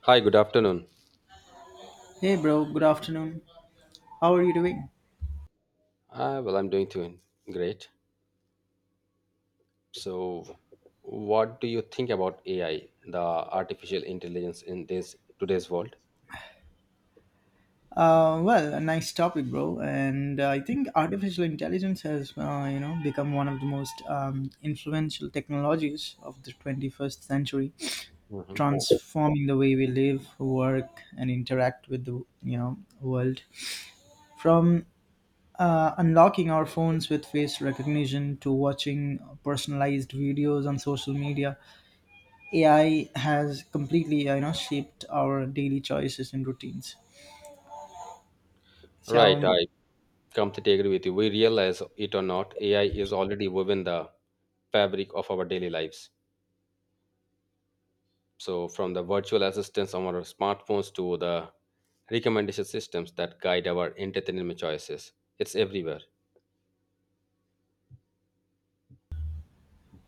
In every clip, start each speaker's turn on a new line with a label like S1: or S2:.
S1: Hi, good afternoon.
S2: Hey, bro. Good afternoon. How are you doing?
S1: Well, I'm doing great. So, what do you think about AI, the artificial intelligence in this today's world?
S2: Well, a nice topic, bro. And I think artificial intelligence has, become one of the most influential technologies of the 21st century,
S1: Hmm
S2: transforming the way we live, work, and interact with the, world. From Unlocking our phones with face recognition to watching personalized videos on social media, AI has completely, shaped our daily choices and routines.
S1: Right,
S2: So
S1: I completely agree with you. We realize it or not, AI is already woven the fabric of our daily lives. So, from the virtual assistants on our smartphones to the recommendation systems that guide our entertainment choices, it's everywhere.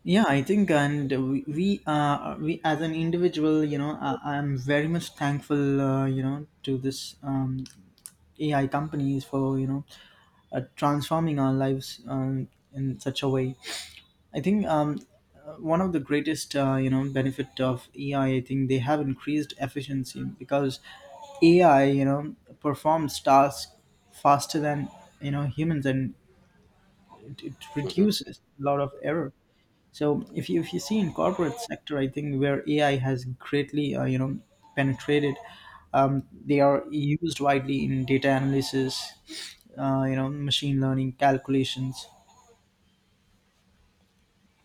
S2: yeah, I think, and we as an individual, I'm very much thankful, to this AI companies for transforming our lives in such a way. I think one of the greatest benefit of AI, I think they have increased efficiency because AI, performs tasks faster than humans, and it reduces a lot of error. So if you see in corporate sector, I think where AI has greatly penetrated, they are used widely in data analysis, machine learning calculations.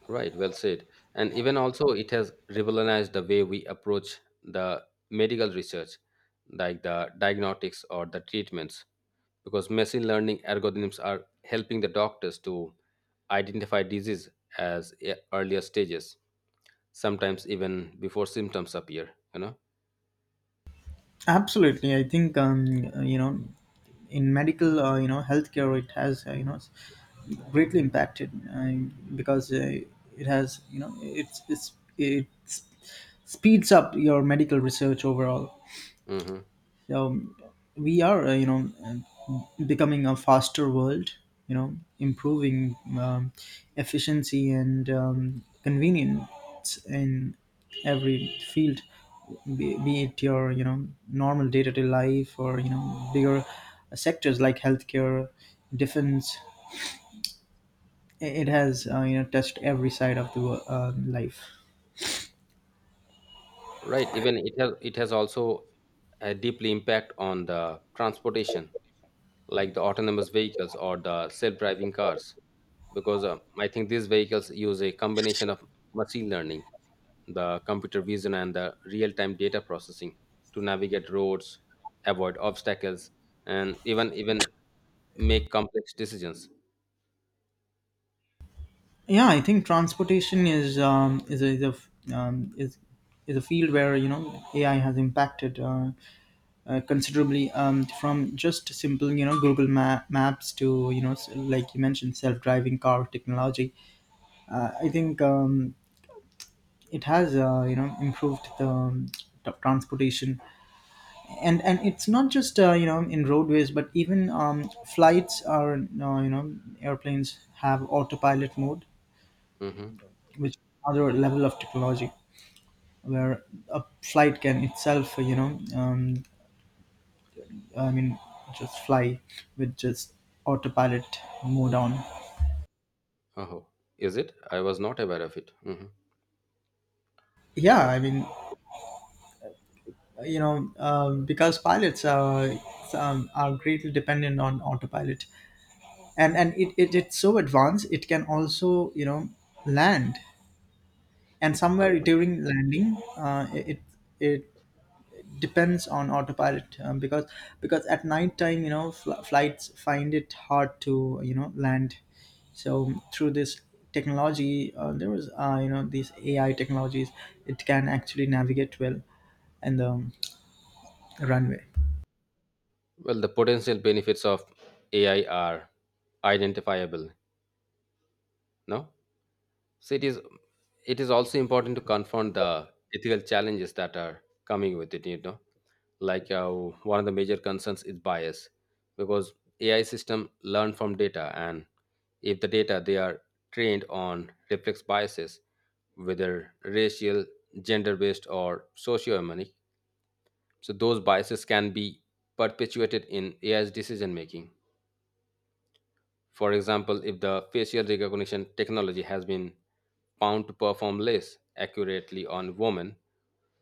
S1: Right, well said. And even also, it has revolutionized the way we approach the medical research, like the diagnostics or the treatments, because machine learning algorithms are helping the doctors to identify disease as earlier stages, sometimes even before symptoms appear.
S2: Absolutely, I think in medical healthcare it has greatly impacted because it has it speeds up your medical research overall.
S1: Hmm
S2: um, we are becoming a faster world, improving efficiency and convenience in every field, be it your normal day-to-day life or bigger sectors like healthcare, defense. It has touched every side of the life.
S1: right? Even it has also a deeply impact on the transportation, like the autonomous vehicles or the self-driving cars because I think these vehicles use a combination of machine learning, the computer vision, and the real time data processing to navigate roads, avoid obstacles, and even make complex decisions.
S2: Yeah, I think transportation is is a field where AI has impacted considerably. From just simple Google maps to like you mentioned self-driving car technology. I think it has improved the transportation, and it's not just in roadways but even flights are— airplanes have autopilot mode,
S1: Hmm
S2: which is another level of technology where a flight can itself, I mean, just fly with just autopilot mode on.
S1: Oh, is it? I was not aware of it. Hmm
S2: Yeah,
S1: Well,
S2: I mean, because pilots are greatly dependent on autopilot, and it it's so advanced it can also land, and
S1: uh,
S2: somewhere during landing, it it depends on autopilot because at night time flights find it hard to land, so through this technology, there was you know these AI technologies, it can actually navigate well and the runway.
S1: the potential benefits of AI are identifiable. No, so it is also important to confront the ethical challenges that are coming with it. Like one of the major concerns is bias because AI system learn from data and if the data they are trained on reflects biases, whether racial, gender based or socioeconomic, so those biases can be perpetuated in AI's decision making. For example, if the facial recognition technology has been found to perform less accurately on women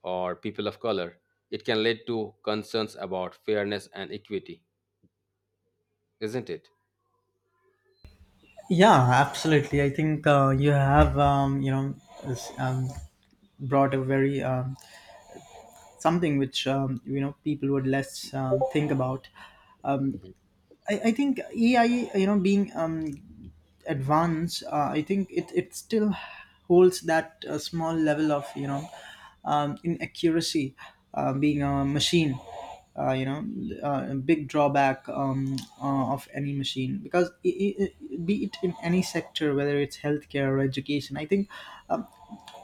S1: or people of color, it can lead to concerns about fairness and equity, isn't it?
S2: Yeah, absolutely, I think you have s- um, brought a very something which people would less think about. Um, I, I think AI, you know being advance, I think it still holds that small level of inaccuracy, being a machine, uh, you know a big drawback of any machine. Because I- Be it in any sector, whether it's healthcare or education, I think um,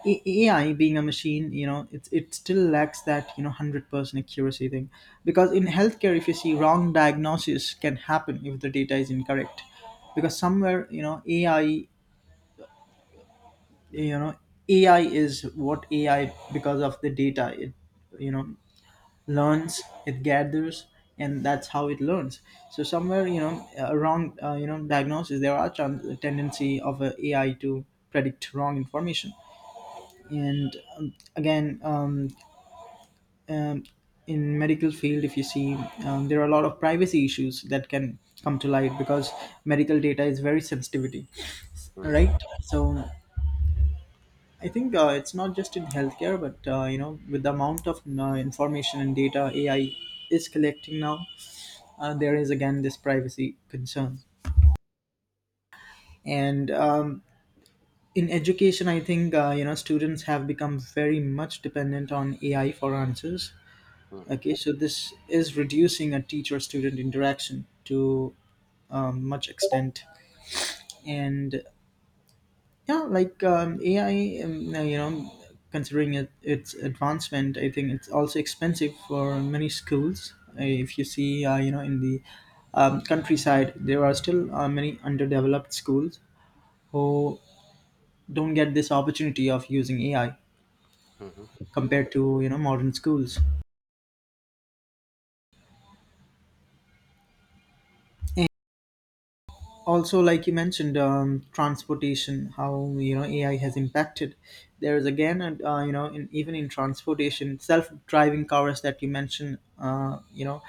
S2: AI being a machine, it still lacks that, 100% accuracy thing. Because in healthcare, if you see, wrong diagnosis can happen if the data is incorrect. Because somewhere, AI, you know, AI is what AI, because of the data, it, you know, learns, it gathers, and that's how it learns. So somewhere, a wrong, diagnosis, there are tendency of a AI to predict wrong information. And again um, in medical field, if you see, there are a lot of privacy issues that can come to light because medical data is very sensitivity,
S1: Hmm
S2: right? So I think it's not just in healthcare but, with the amount of information and data AI is collecting now, there is again this privacy concern. And In education, I think students have become very much dependent on AI for answers.
S1: hmm
S2: Okay, so this is reducing a teacher student interaction to much extent. And yeah, AI, now, considering it, its advancement, I think it's also expensive for many schools. If you see, in the countryside, there are still many underdeveloped schools who don't get this opportunity of using AI
S1: hmm
S2: compared to, modern schools. Also like you mentioned transportation, how AI has impacted, there is again, and even in transportation self-driving cars that you mentioned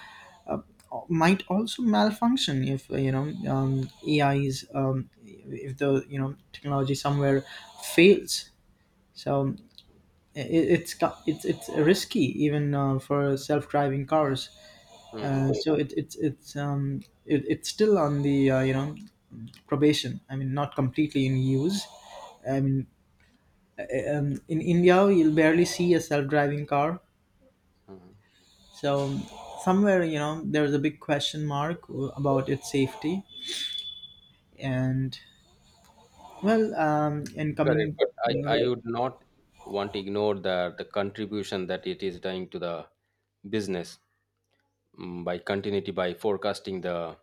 S2: uh, might also malfunction if AI is— if the technology somewhere fails. So it, it's co- it's risky even for self-driving cars.
S1: hmm
S2: Uh, so it, it's it's um it, it's still on the probation. I mean, not completely in use. I mean, in India, you'll barely see a self-driving car.
S1: hmm
S2: So somewhere, there's a big question mark about its safety. And well, and
S1: Correct,
S2: coming,
S1: but
S2: you
S1: I,
S2: know,
S1: I would not want to ignore the contribution that it is doing to the business, mm, by continuity, by forecasting the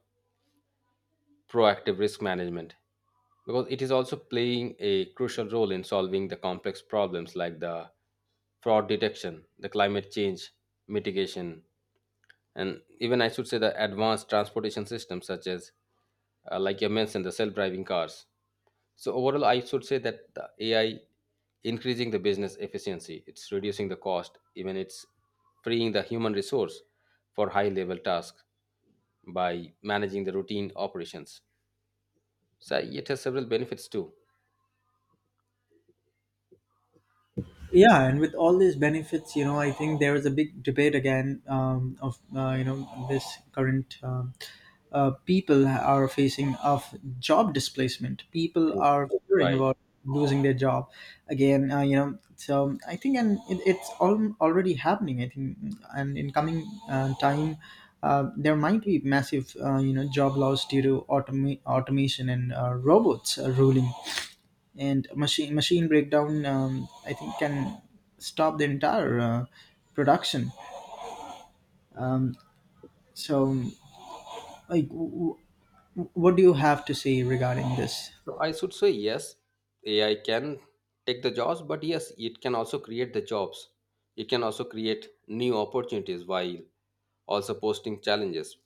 S1: proactive risk management. Because it is also playing a crucial role in solving the complex problems like the fraud detection, the climate change mitigation, and even I should say the advanced transportation systems such as, like you mentioned, the self-driving cars. So overall, I should say that the AI increasing the business efficiency, it's reducing the cost, even it's freeing the human resource for high-level tasks by managing the routine operations. So it has several benefits too.
S2: yeah, and with all these benefits, I think there is a big debate again of you know this current people are facing of job displacement. People
S1: Mm.
S2: are worrying
S1: Right.
S2: about losing their job again. So I think it's all already happening, I think, and in coming time, there might be massive, job loss due to automation and robots ruling, and machine breakdown. I think can stop the entire production. So, like, w- what do you have to say regarding this?
S1: So I should say yes, AI can take the jobs, but yes, it can also create the jobs. It can also create new opportunities while also posting challenges.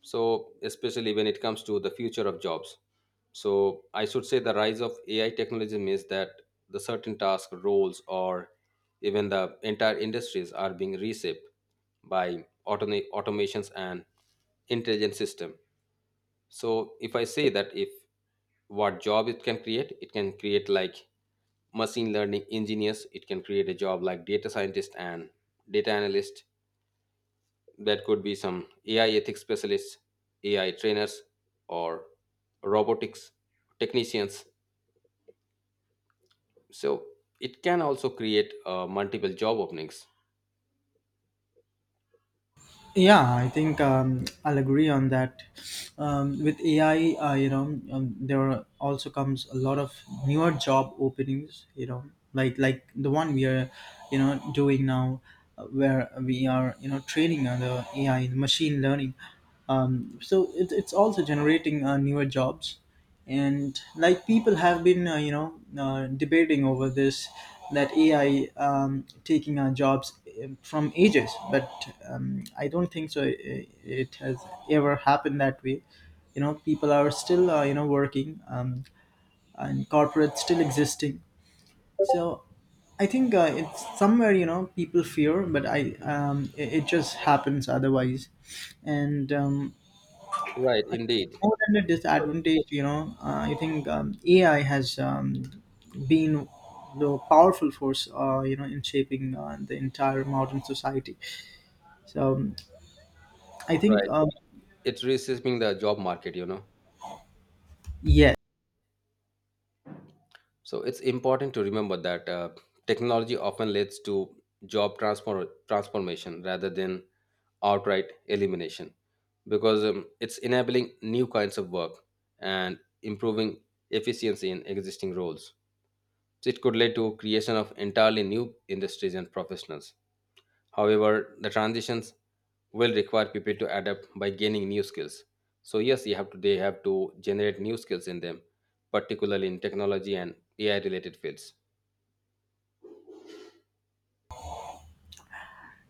S1: So especially when it comes to the future of jobs. So I should say the rise of AI technology means that the certain task roles or even the entire industries are being reshaped by automations and intelligent system. So if I say that if what job it can create, it can create like machine learning engineers, it can create a job like data scientist and data analyst, that could be some AI ethics specialists, AI trainers, or robotics technicians. So it can also create multiple job openings.
S2: Yeah, I think I'll agree on that. With AI, there are also comes a lot of newer job openings. You know, like the one we are, doing now, where we are, training on the AI, the machine learning. So it's also generating newer jobs, and like people have been debating over this, that AI taking our jobs from ages, but I don't think so it has ever happened that way. You know, people are still working, and corporates still existing. So I think it's somewhere, people fear, but it just happens otherwise. And
S1: Right,
S2: I think
S1: indeed.
S2: more than a disadvantage, I think AI has been the powerful force, in shaping the entire modern society. So um, I think,
S1: Right,
S2: um,
S1: it's reshaping the job market, you know.
S2: yeah.
S1: So it's important to remember that technology often leads to job transformation rather than outright elimination because it's enabling new kinds of work and improving efficiency in existing roles. So it could lead to creation of entirely new industries and professionals. However, the transitions will require people to adapt by gaining new skills. So yes, you have to, they have to generate new skills in them, particularly in technology and AI related fields.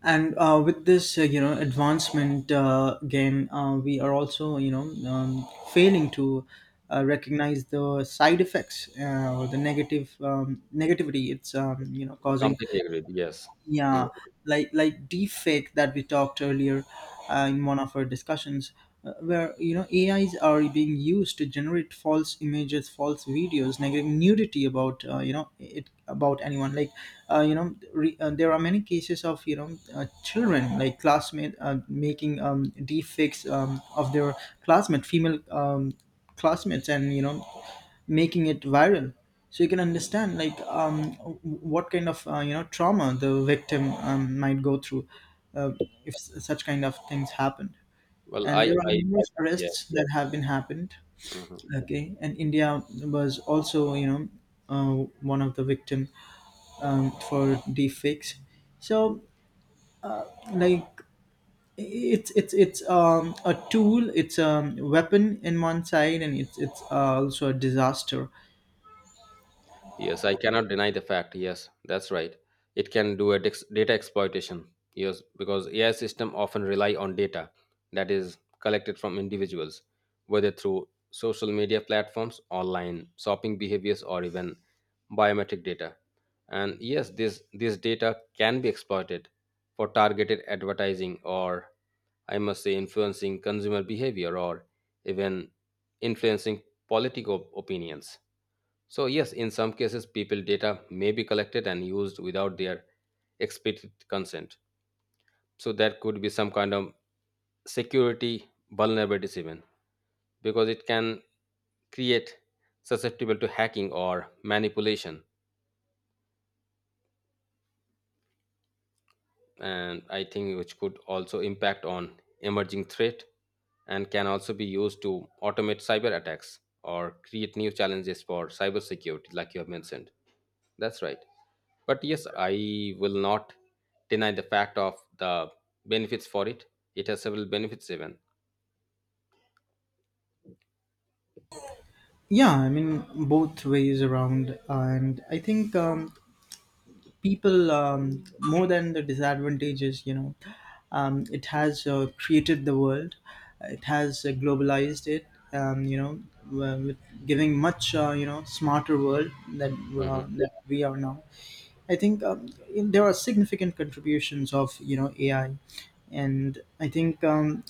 S2: And with this, advancement, we are also, failing to recognize the side effects or the negative negativity it's, causing.
S1: Completely agreed. Yes. Mm.
S2: Yeah, like deepfake that we talked earlier in one of our discussions, where AIs are being used to generate false images, false videos, negative nudity about you know it about anyone. There are many cases of children, like classmate making deepfakes of their classmate female classmates, and making it viral. So you can understand like what kind of trauma the victim might go through, uh, if such kind of things happened.
S1: Well,
S2: And there
S1: I
S2: are
S1: I
S2: numerous
S1: Yeah.
S2: arrests that have been happened.
S1: Mhm.
S2: Okay, and India was also, uh, one of the victim for deepfakes. So like it's a tool, it's a weapon in one side, and it's also a disaster.
S1: Yes, I cannot deny the fact. Yes, that's right. It can do a data exploitation. Yes, because AI system often rely on data that is collected from individuals, whether through social media platforms, online shopping behaviors, or even biometric data. And yes, this data can be exploited for targeted advertising, or I must say, influencing consumer behavior, or even influencing political opinions. So, yes, in some cases, people data may be collected and used without their explicit consent. So, that could be some kind of security vulnerabilities, even because it can create susceptible to hacking or manipulation. And I think which could also impact on emerging threat and can also be used to automate cyber attacks or create new challenges for cybersecurity, like you have mentioned. That's right. But yes, I will not deny the fact of the benefits for it. It has several benefits even.
S2: Yeah, I mean both ways around, and I think people, more than the disadvantages, it has created the world, it has globalized it, with giving much smarter world
S1: Hmm
S2: that we are now. I think there are significant contributions of AI, and I think um,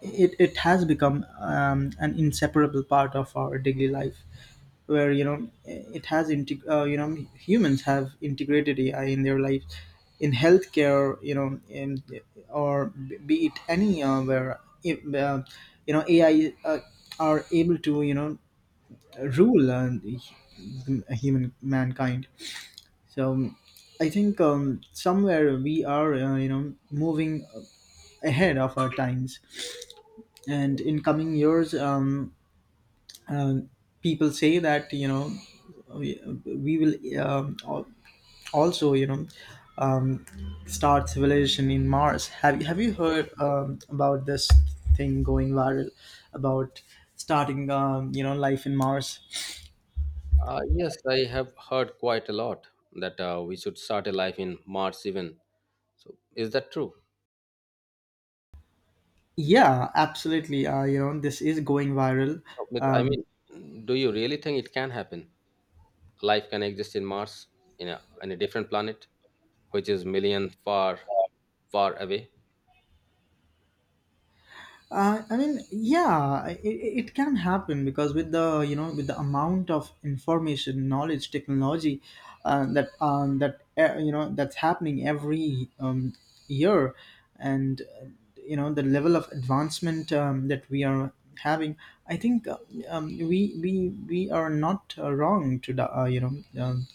S2: it it has become an inseparable part of our daily life, where you know it has integ- you know humans have integrated AI in their lives, in healthcare, or be it anywhere, if, you know AI are able to rule the human mankind. So I think somewhere we are moving ahead of our times, and in coming years um, people say that we, we will um, al- also um, start civilization in Mars. Have you heard about this thing going viral about starting life in Mars?
S1: Yes, I have heard quite a lot that we should start a life in Mars even. So is that true?
S2: Yeah, absolutely. This is going viral.
S1: But I
S2: Um,
S1: mean, do you really think it can happen? Life can exist in Mars, in a, in a different planet, which is million far, far away.
S2: I mean, yeah, it can happen, because with the amount of information, knowledge, technology, that's happening every year, and the level of advancement that we are having, I think we are not wrong to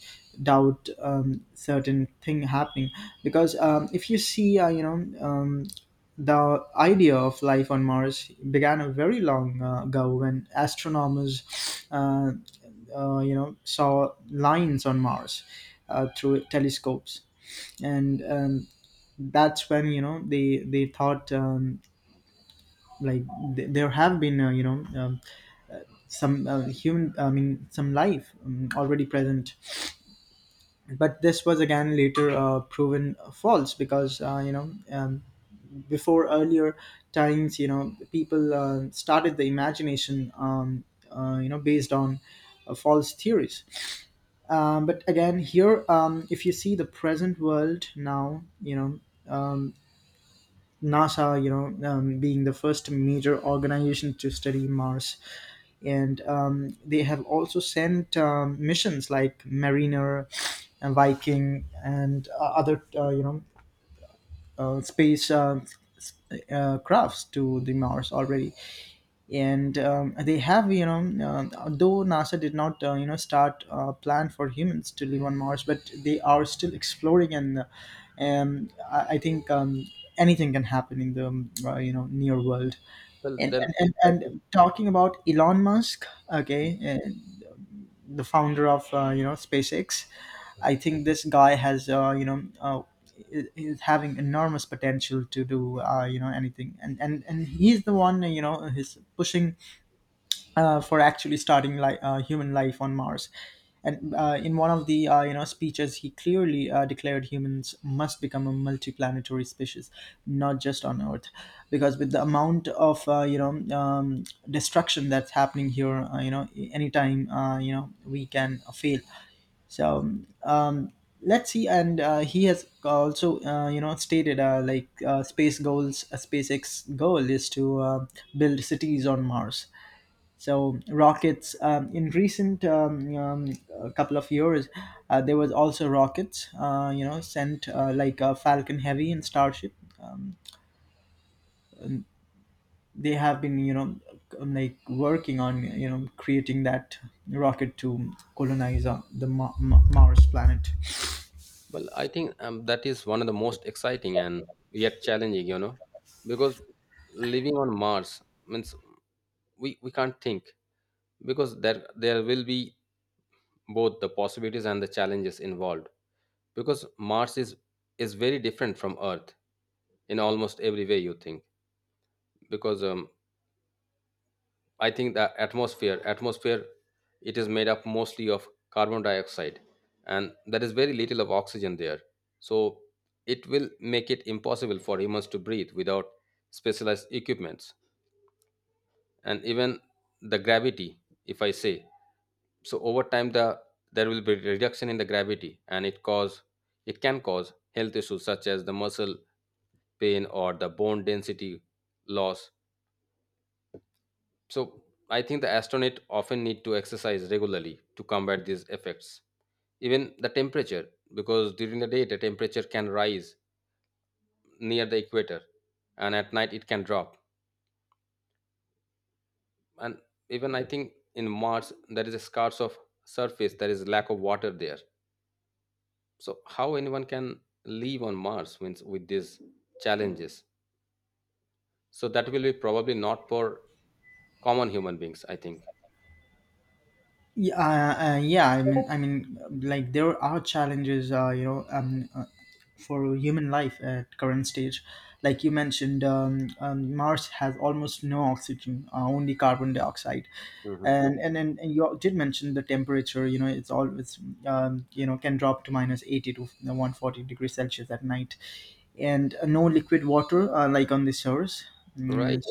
S2: doubt certain thing happening, because if you see. Um, the idea of life on Mars began a very long ago, when astronomers, uh, saw lines on Mars through telescopes, and that's when they thought, like, there have been, some human, I mean, some life already present, but this was again later proven false, because before earlier times, people started the imagination, based on false theories. But again here, if you see the present world now, um, NASA, being the first major organization to study Mars, and they have also sent missions like Mariner and Viking, and other space s- crafts to the Mars already, and they have you know though NASA did not start a plan for humans to live on Mars, but they are still exploring, and I think. Anything can happen in the near world,
S1: Well,
S2: and
S1: then
S2: and, and
S1: I.
S2: and talking about Elon Musk. Okay, uh, the founder of SpaceX. I think this guy has you know I- is having enormous potential to do anything, and he's the one, who's pushing for actually starting like human life on Mars. And in one of the speeches, he clearly declared humans must become a multiplanetary species, not just on Earth, because with the amount of destruction that's happening here, anytime we can fail. So um, let's see. And he has also stated, like, space goals, a SpaceX goal is to build cities on Mars. So rockets, in recent a couple of years, there was also rockets. Sent, like, Falcon Heavy and Starship. Um, they have been, like, working on, creating that rocket to colonize the Mars planet.
S1: Well, I think that is one of the most exciting and yet challenging, you know, because living on Mars means we can't think because there will be both the possibilities and the challenges involved because Mars is very different from Earth in almost every way you think because I think the atmosphere it is made up mostly of carbon dioxide and there is very little of oxygen there. So it will make it impossible for humans to breathe without specialized equipments and even the gravity if I say. So over time the there will be reduction in the gravity and it cause it can cause health issues such as the muscle pain or the bone density loss. So I think the astronaut often need to exercise regularly to combat these effects. Even the temperature, because during the day the temperature can rise near the equator and at night it can drop. And even I think in Mars there is a scarce of surface, there is lack of water there. So how anyone can live on Mars means with these challenges. So that will be probably not for common human beings, I think.
S2: Yeah, yeah. I mean, like, there are challenges, for human life at current stage. Like you mentioned, Mars has almost no oxygen, only carbon dioxide,
S1: Hmm
S2: and you did mention the temperature. You know, it's always can drop to minus 80 to 140 degrees Celsius at night, and no liquid water, like, on the shores.
S1: Right.
S2: Mm,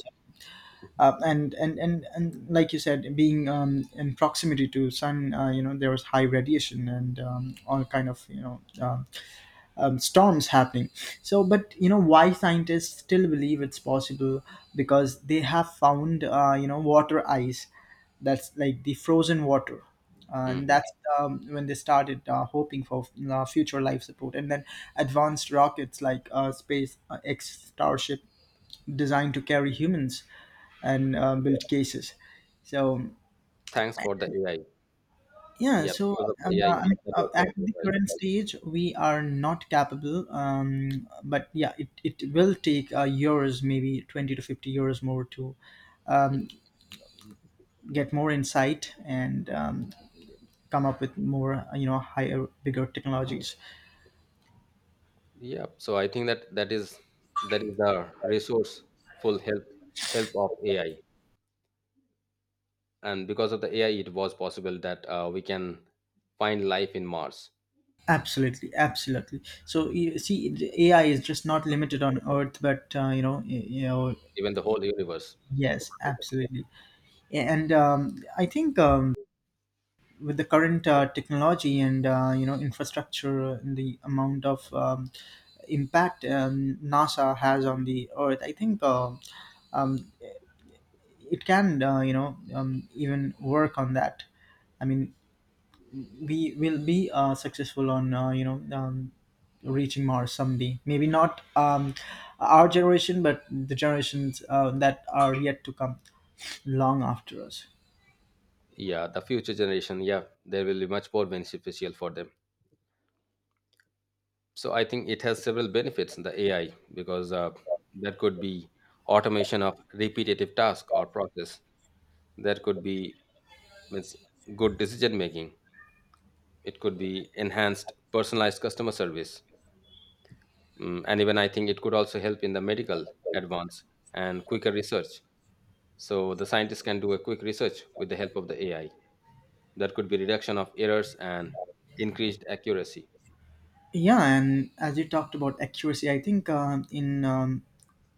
S2: and like you said, being in proximity to sun, there was high radiation, and all kind of storms happening. So, but, why scientists still believe it's possible, because they have found, water ice, that's like the frozen water, and
S1: hmm
S2: that's when they started hoping for future life support, and then advanced rockets like space x Starship, designed to carry humans and build cases. So,
S1: Thanks for the AI.
S2: yeah,
S1: Yeah,
S2: so
S1: because of
S2: um,
S1: the AI
S2: uh,
S1: that was
S2: at
S1: possible,
S2: the
S1: right?
S2: current stage, we are not capable. But yeah, it will take years, maybe 20 to 50 years more to get more insight, and come up with more, higher, bigger technologies.
S1: Yeah. So I think that that is the resourceful help of AI, and because of the AI, it was possible that we can find life in Mars,
S2: Absolutely, absolutely. So you see, the AI is just not limited on Earth, but
S1: even the whole universe.
S2: yes, absolutely. And I think, with the current technology, and infrastructure, and the amount of impact NASA has on the Earth, I think um, it can, even work on that. I mean, we will be successful on, reaching Mars someday. Maybe not our generation, but the generations that are yet to come, long after us.
S1: Yeah, the future generation, yeah, there will be much more beneficial for them. So I think it has several benefits in the AI because that could be automation of repetitive task or process, that could be means good decision making, it could be enhanced personalized customer service. Mm, and even I think it could also help in the medical advance and quicker research, so the scientists can do a quick research with the help of the AI. That could be reduction of errors and increased accuracy.
S2: Yeah, and as you talked about accuracy, I think in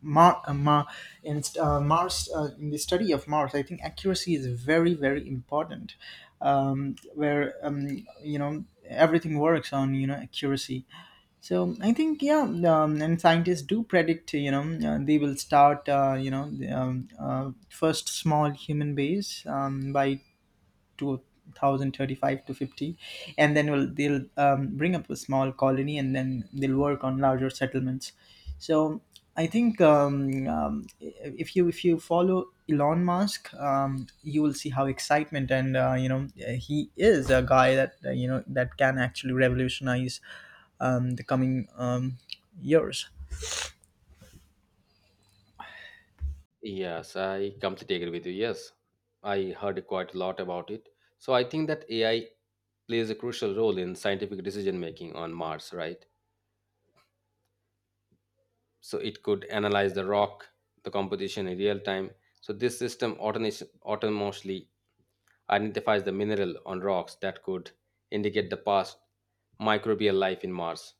S2: Mar- Mar- in Mars in the study of Mars, I think accuracy is very very important. Where, everything works on, you know, accuracy. So I think, yeah, and scientists do predict, they will start, first small human base by 2035 to 50, and then will they'll bring up a small colony, and then they'll work on larger settlements. So I think, if you follow Elon Musk, you will see how excitement, and he is a guy that you know that can actually revolutionize the coming um, years.
S1: Yes, I completely agree with you. Yes, I heard quite a lot about it. So I think that AI plays a crucial role in scientific decision making on Mars, right? So it could analyze the rock, the composition in real time. So this system autonomously identifies the mineral on rocks that could indicate the past microbial life in Mars.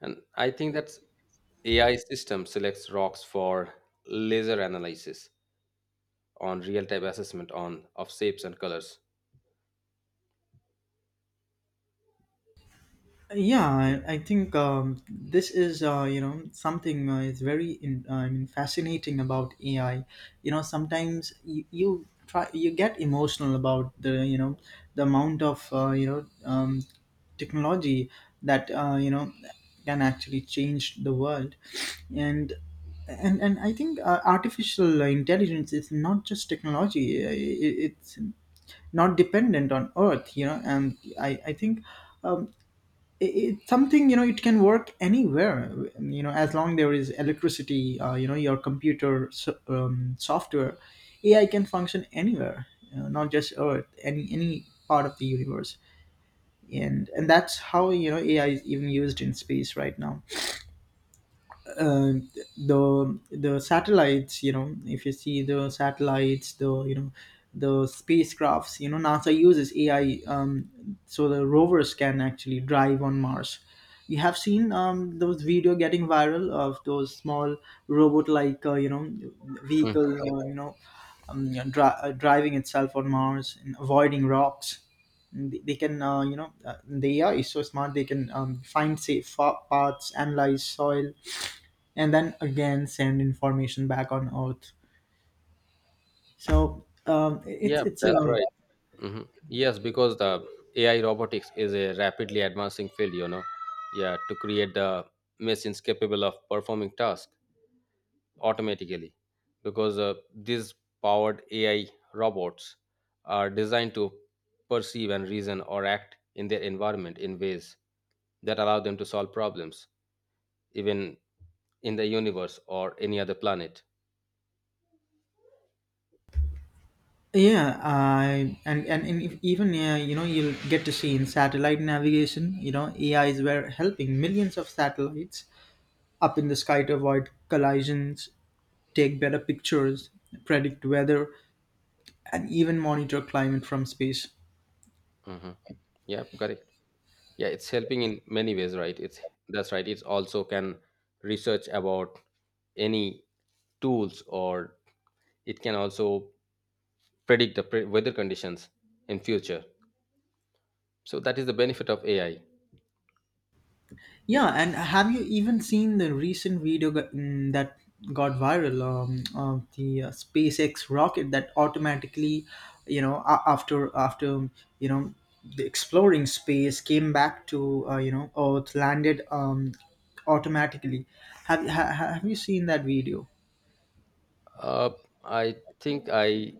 S1: And I think that AI system selects rocks for laser analysis on real-time assessment on of shapes and colors.
S2: Yeah, I think, this is, something is very I mean, fascinating about AI. You know, sometimes you try, you get emotional about the amount of, technology that, can actually change the world. And and and I think artificial intelligence is not just technology, it's not dependent on Earth, you know, and I think, um, it's something, you know, it can work anywhere, you know, as long there is electricity, your computer software, AI can function anywhere, you know, not just Earth, any part of the universe. And that's how, you know, AI is even used in space right now. uh, the satellites, you know, if you see the satellites, the spacecrafts, you know, NASA uses AI. So the rovers can actually drive on Mars. You have seen those video getting viral, of those small robot like,
S1: Mhm.
S2: vehicle, driving itself on Mars and avoiding rocks. They can, the AI is so smart, they can find safe paths, analyze soil, and then again send information back on Earth. So it's
S1: Yeah,
S2: it's Yeah.
S1: that's
S2: uh,
S1: right. hmm Yes, because the AI robotics is a rapidly advancing field, you know. Yeah, to create the machines capable of performing tasks automatically, because these powered AI robots are designed to perceive and reason or act in their environment in ways that allow them to solve problems, even in the universe or any other planet.
S2: Yeah, I and if, even yeah, you know, you'll get to see in satellite navigation. You know, A is were helping millions of satellites up in the sky, to avoid collisions, take better pictures, predict weather, and even monitor climate from space.
S1: Hmm Yeah, correct. Yeah, it's helping in many ways, right? It's, that's right, it's also can research about any tools or it can also predict the weather conditions in future. So that is the benefit of AI.
S2: Yeah, and have you even seen the recent video, that got viral, of the SpaceX rocket, that automatically, you know, after you know the exploring space, came back to, Earth, landed automatically. Have you seen that video?
S1: uh, I think I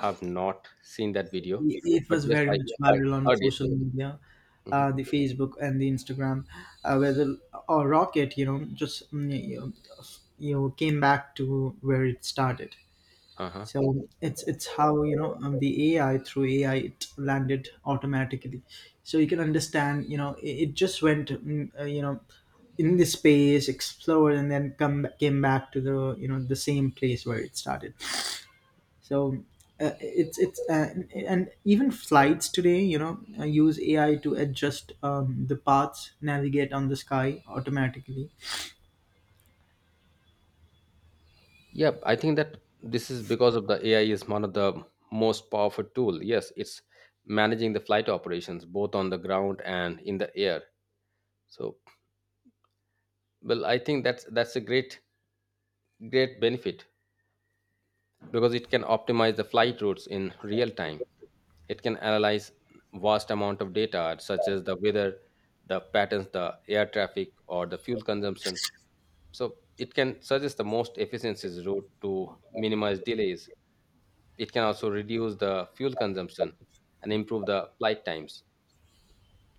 S1: have not seen that video,
S2: It
S1: but
S2: was
S1: yes,
S2: very
S1: i
S2: much
S1: i
S2: viral on
S1: heard it.
S2: social media,
S1: Mhm.
S2: the Facebook and the Instagram. Whether or rocket, you know, just, you know, came back to where it started.
S1: Uh-huh.
S2: So it's how, you know, the AI, through AI, it landed automatically. So you can understand, you know, it just went, in the space, explored, and then come came back to the you know the same place where it started. So, it's and even flights today, you know, use AI to adjust the paths, navigate on the sky automatically.
S1: Yeah, I think that this is because of the AI is one of the most powerful tool. Yes, it's managing the flight operations both on the ground and in the air. So, well, I think that's a great great benefit because it can optimize the flight routes in real time. It can analyze vast amount of data such as the weather, the patterns, the air traffic, or the fuel consumption. So it can suggest the most efficiencies route to minimize delays. It can also reduce the fuel consumption and improve the flight times.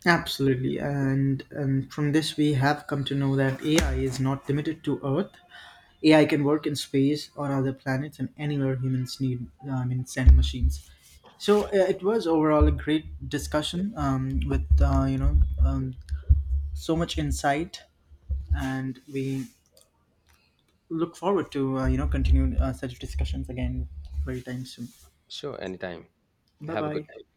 S2: Absolutely, and from this we have come to know that AI is not limited to Earth. AI can work in space or other planets, and anywhere humans need, I mean, send machines. So it was overall a great discussion, with, um, so much insight, and we look forward to, continue such discussions again very time soon.
S1: Sure, anytime.
S2: Bye
S1: Have a good
S2: bye.